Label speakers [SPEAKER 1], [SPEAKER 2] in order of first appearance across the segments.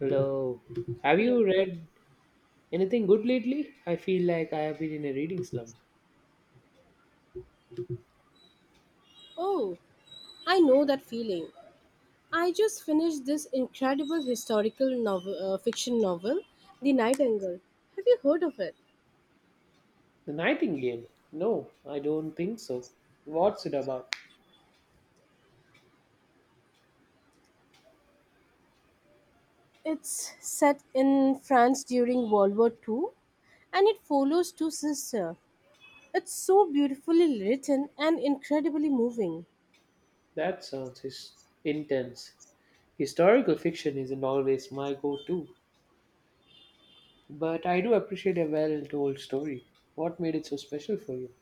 [SPEAKER 1] Hello. Have
[SPEAKER 2] Hello.
[SPEAKER 1] you read anything good lately? I feel like I have been in a reading slump.
[SPEAKER 2] Oh, I know that feeling. I just finished this incredible historical novel, fiction novel, The Nightingale. Have you heard of it?
[SPEAKER 1] The Nightingale? No, I don't think so. What's it about?
[SPEAKER 2] It's set in France during World War Two, and it follows two sisters. It's so beautifully written and incredibly moving.
[SPEAKER 1] That sounds intense. Historical fiction isn't always my go to, but I do appreciate a well told story. What made it so special for you?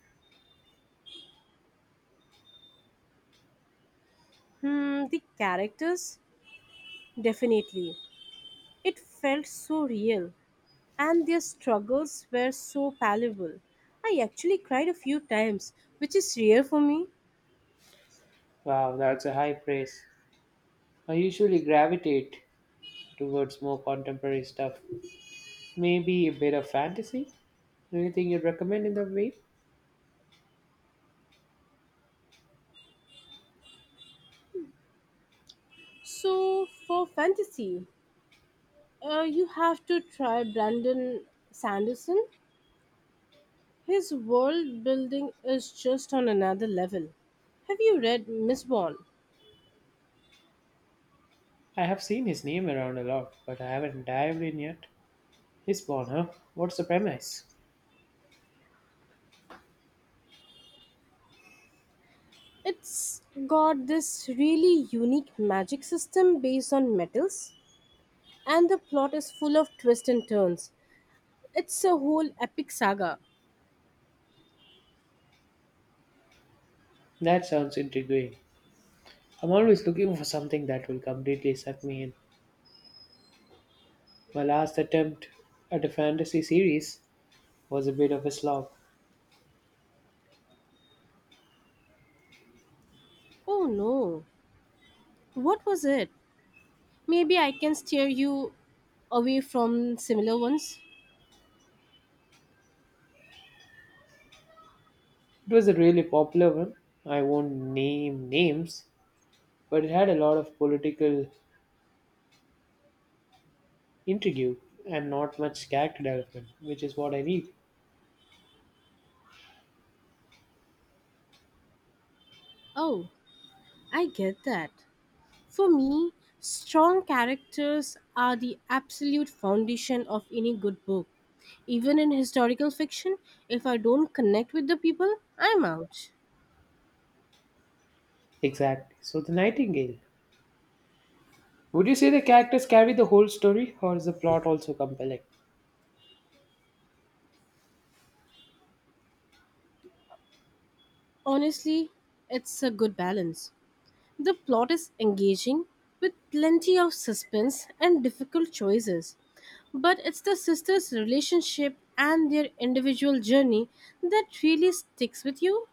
[SPEAKER 2] The characters? Definitely. It felt so real. And their struggles were so palpable. I actually cried a few times, which is rare for me.
[SPEAKER 1] Wow, that's a high praise. I usually gravitate towards more contemporary stuff. Maybe a bit of fantasy? Anything you'd recommend in that way?
[SPEAKER 2] So, for fantasy, you have to try Brandon Sanderson. His world building is just on another level. Have you read Mistborn?
[SPEAKER 1] I have seen his name around a lot, but I haven't dived in yet. Lisbon, huh? What's the premise?
[SPEAKER 2] It's got this really unique magic system based on metals, and the plot is full of twists and turns. It's a whole epic saga.
[SPEAKER 1] That sounds intriguing. I'm always looking for something that will completely suck me in. My last attempt at a fantasy series was a bit of a slog.
[SPEAKER 2] Oh no, what was it? Maybe I can steer you away from similar ones.
[SPEAKER 1] It was a really popular one. I won't name names, but it had a lot of political intrigue and not much character development, which is what I need.
[SPEAKER 2] Oh, I get that. For me, strong characters are the absolute foundation of any good book. Even in historical fiction, if I don't connect with the people, I'm out.
[SPEAKER 1] Exactly. So, The Nightingale. Would you say the characters carry the whole story, or is the plot also compelling?
[SPEAKER 2] Honestly, it's a good balance. The plot is engaging with plenty of suspense and difficult choices. But it's the sisters' relationship and their individual journey that really sticks with you.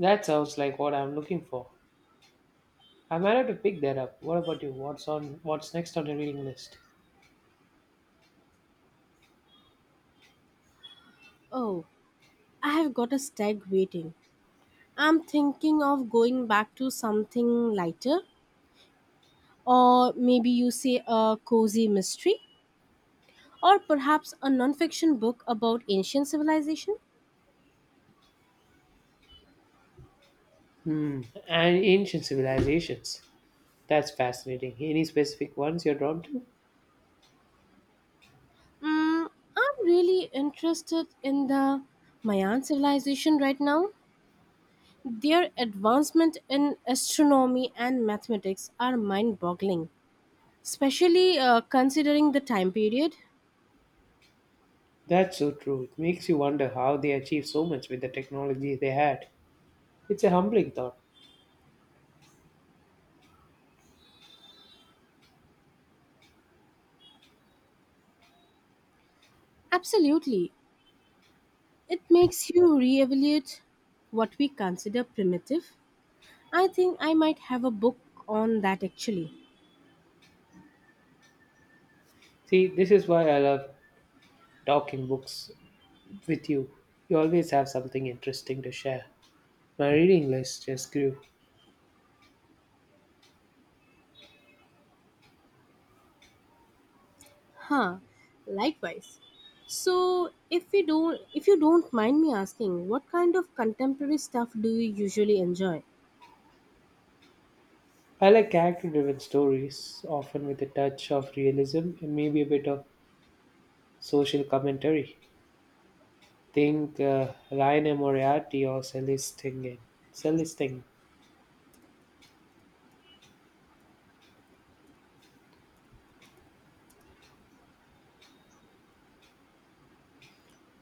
[SPEAKER 1] That sounds like what I'm looking for. I'm ready to pick that up. What about you? What's next on your reading list?
[SPEAKER 2] Oh, I have got a stag waiting. I'm thinking of going back to something lighter, or maybe you say a cozy mystery, or perhaps a non-fiction book about ancient civilization.
[SPEAKER 1] Hmm. And ancient civilizations. That's fascinating. Any specific ones you're drawn to?
[SPEAKER 2] Mm, I'm really interested in the Mayan civilization right now. Their advancement in astronomy and mathematics are mind boggling, especially considering the time period.
[SPEAKER 1] That's so true. It makes you wonder how they achieved so much with the technology they had. It's a humbling thought.
[SPEAKER 2] Absolutely. It makes you re evaluate what we consider primitive. I think I might have a book on that actually.
[SPEAKER 1] See, this is why I love talking books with you. You always have something interesting to share. My reading list just grew.
[SPEAKER 2] Huh, likewise. So, if you don't mind me asking, what kind of contemporary stuff do you usually enjoy?
[SPEAKER 1] I like character driven stories, often with a touch of realism and maybe a bit of social commentary. Think Ryan and Moriarty or Celestine. Celestine.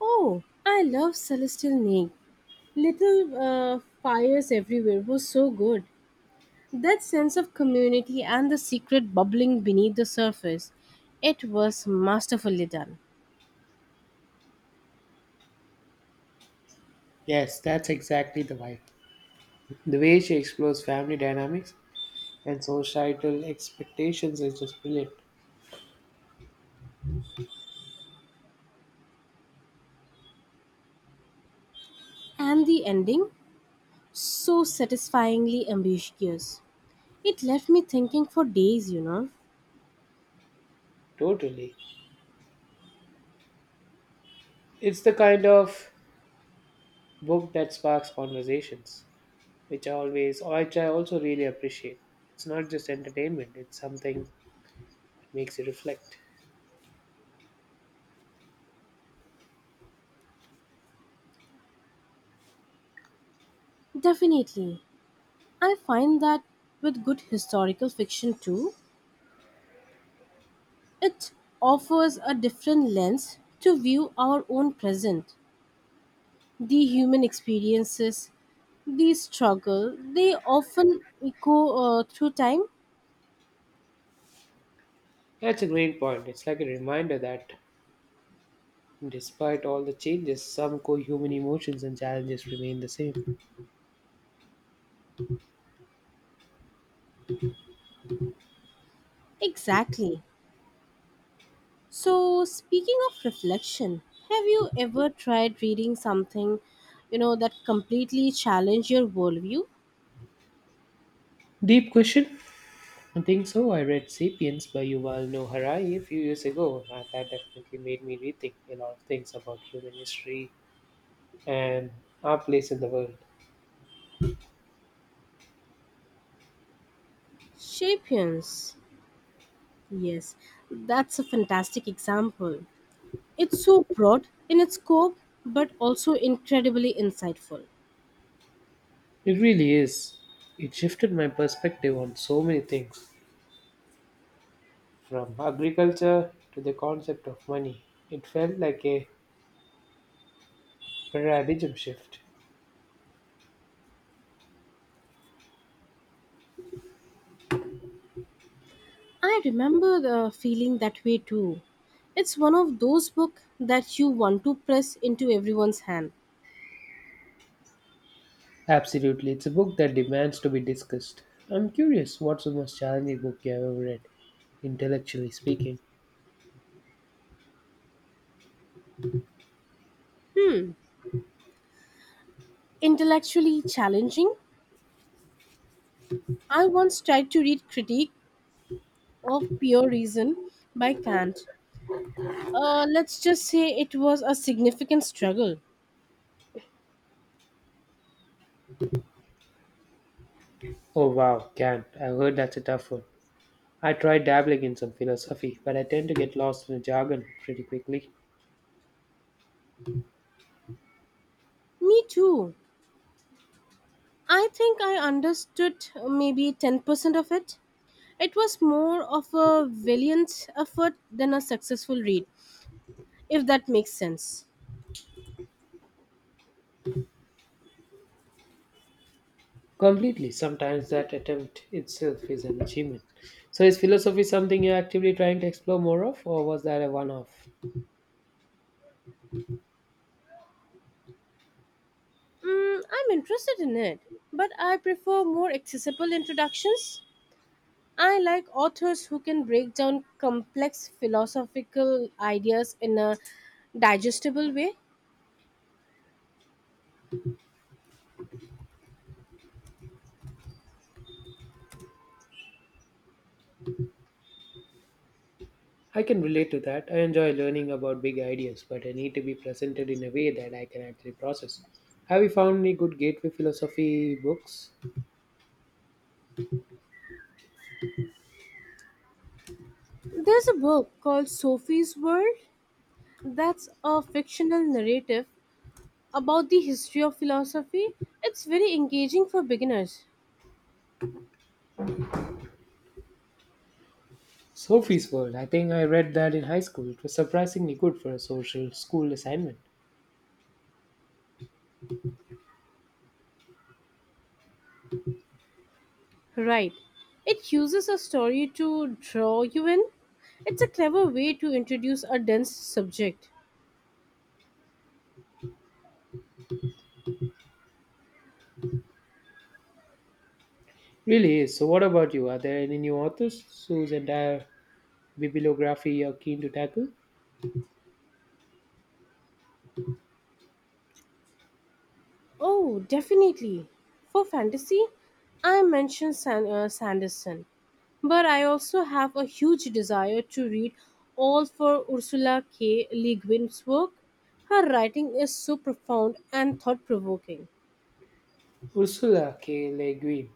[SPEAKER 2] Oh, I love Celestial Neg. Little Fires Everywhere was so good. That sense of community and the secret bubbling beneath the surface, it was masterfully done.
[SPEAKER 1] Yes, that's exactly the vibe. The way she explores family dynamics and societal expectations is just brilliant.
[SPEAKER 2] And the ending, so satisfyingly ambiguous. It left me thinking for days.
[SPEAKER 1] Totally. It's the kind of book that sparks conversations, which I also really appreciate. It's not just entertainment, it's something that makes you reflect.
[SPEAKER 2] Definitely. I find that with good historical fiction too, it offers a different lens to view our own present. The human experiences, the struggle, they often echo through time.
[SPEAKER 1] That's a great point. It's like a reminder that despite all the changes, some core human emotions and challenges remain the same.
[SPEAKER 2] Exactly. So, speaking of reflection, have you ever tried reading something that completely challenged your worldview?
[SPEAKER 1] Deep question? I think so. I read Sapiens by Yuval Noah Harari a few years ago, and that definitely made me rethink a lot of things about human history and our place in the world.
[SPEAKER 2] Sapiens. Yes, that's a fantastic example. It's so broad in its scope, but also incredibly insightful.
[SPEAKER 1] It really is. It shifted my perspective on so many things, from agriculture to the concept of money. It felt like a paradigm shift.
[SPEAKER 2] I remember the feeling that way too. It's one of those books that you want to press into everyone's hand.
[SPEAKER 1] Absolutely, it's a book that demands to be discussed. I'm curious, what's the most challenging book you have ever read, intellectually speaking?
[SPEAKER 2] Intellectually challenging, I once tried to read Critique of Pure Reason by Kant. Let's just say it was a significant struggle.
[SPEAKER 1] Oh wow, Kant. I've heard that's a tough one. I tried dabbling in some philosophy, but I tend to get lost in the jargon pretty quickly.
[SPEAKER 2] Me too. I think I understood maybe 10% of it. It was more of a valiant effort than a successful read, if that makes sense.
[SPEAKER 1] Completely. Sometimes that attempt itself is an achievement. So, is philosophy something you're actively trying to explore more of, or was that a one off?
[SPEAKER 2] I'm interested in it, but I prefer more accessible introductions. I like authors who can break down complex philosophical ideas in a digestible way.
[SPEAKER 1] I can relate to that. I enjoy learning about big ideas, but I need to be presented in a way that I can actually process. Have you found any good gateway philosophy books?
[SPEAKER 2] There's a book called Sophie's World that's a fictional narrative about the history of philosophy. It's very engaging for beginners.
[SPEAKER 1] Sophie's World. I think I read that in high school. It was surprisingly good for a social school assignment.
[SPEAKER 2] Right. It uses a story to draw you in. It's a clever way to introduce a dense subject.
[SPEAKER 1] Really is. So, what about you? Are there any new authors whose entire bibliography you're keen to tackle?
[SPEAKER 2] Oh, definitely. For fantasy, I mentioned Sanderson, but I also have a huge desire to read all for Ursula K. Le Guin's work. Her writing is so profound and thought provoking.
[SPEAKER 1] Ursula K. Le Guin.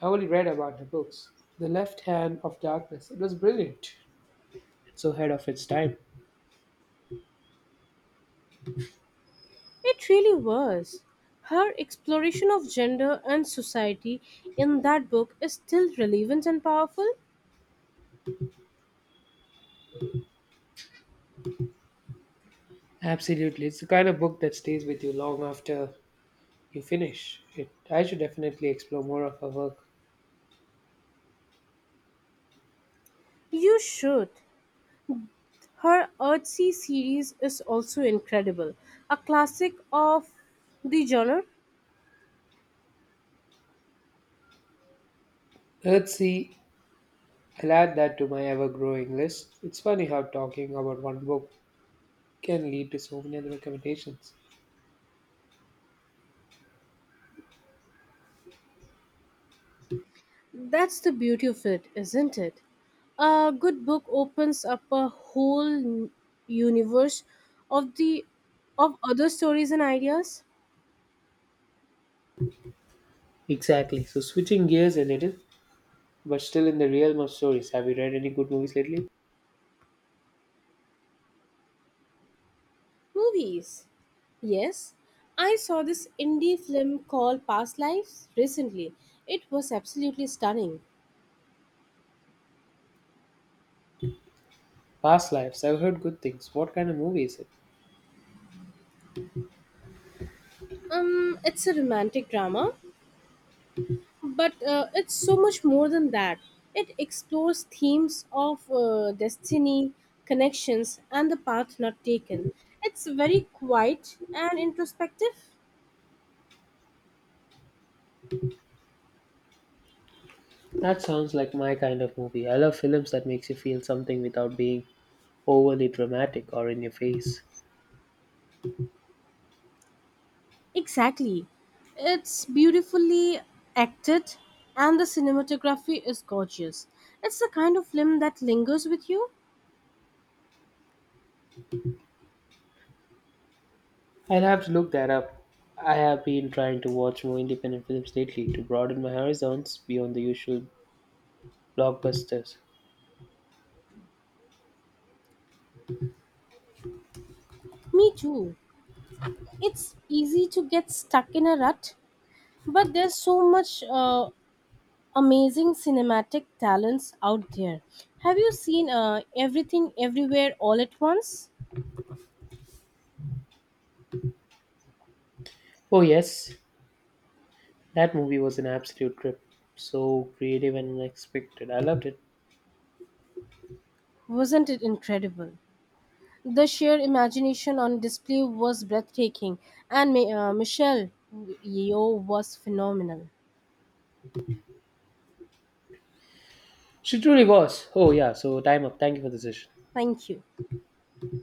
[SPEAKER 1] I only read about her books. The Left Hand of Darkness. It was brilliant. It's so ahead of its time.
[SPEAKER 2] It really was. Her exploration of gender and society in that book is still relevant and powerful.
[SPEAKER 1] Absolutely. It's the kind of book that stays with you long after you finish it. I should definitely explore more of her work.
[SPEAKER 2] You should. Her Earthsea series is also incredible, a classic of the genre.
[SPEAKER 1] Earthsea, I'll add that to my ever growing list. It's funny how talking about one book can lead to so many other recommendations.
[SPEAKER 2] That's the beauty of it, isn't it? A good book opens up a universe of the of other stories and ideas.
[SPEAKER 1] Exactly. So, switching gears a little, but still in the realm of stories, have you read any good movies lately?
[SPEAKER 2] Movies. Yes, I saw this indie film called Past Lives recently. It was absolutely stunning.
[SPEAKER 1] Past Lives, I've heard good things. What kind of movie is it?
[SPEAKER 2] It's a romantic drama but it's so much more than that. It explores themes of destiny, connections, and the path not taken. It's very quiet and introspective.
[SPEAKER 1] That sounds like my kind of movie. I love films that makes you feel something without being overly dramatic or in your face.
[SPEAKER 2] Exactly. It's beautifully acted, and the cinematography is gorgeous. It's the kind of film that lingers with you.
[SPEAKER 1] I'll have to look that up. I have been trying to watch more independent films lately to broaden my horizons beyond the usual blockbusters.
[SPEAKER 2] Me too. It's easy to get stuck in a rut, but there's so much amazing cinematic talents out there. Have you seen Everything Everywhere All at Once?
[SPEAKER 1] Oh, yes, that movie was an absolute trip. So creative and unexpected. I loved it.
[SPEAKER 2] Wasn't it incredible? The sheer imagination on display was breathtaking, and Michelle Yeoh was phenomenal.
[SPEAKER 1] She truly was. Oh, yeah, so time up. Thank you for the session.
[SPEAKER 2] Thank you.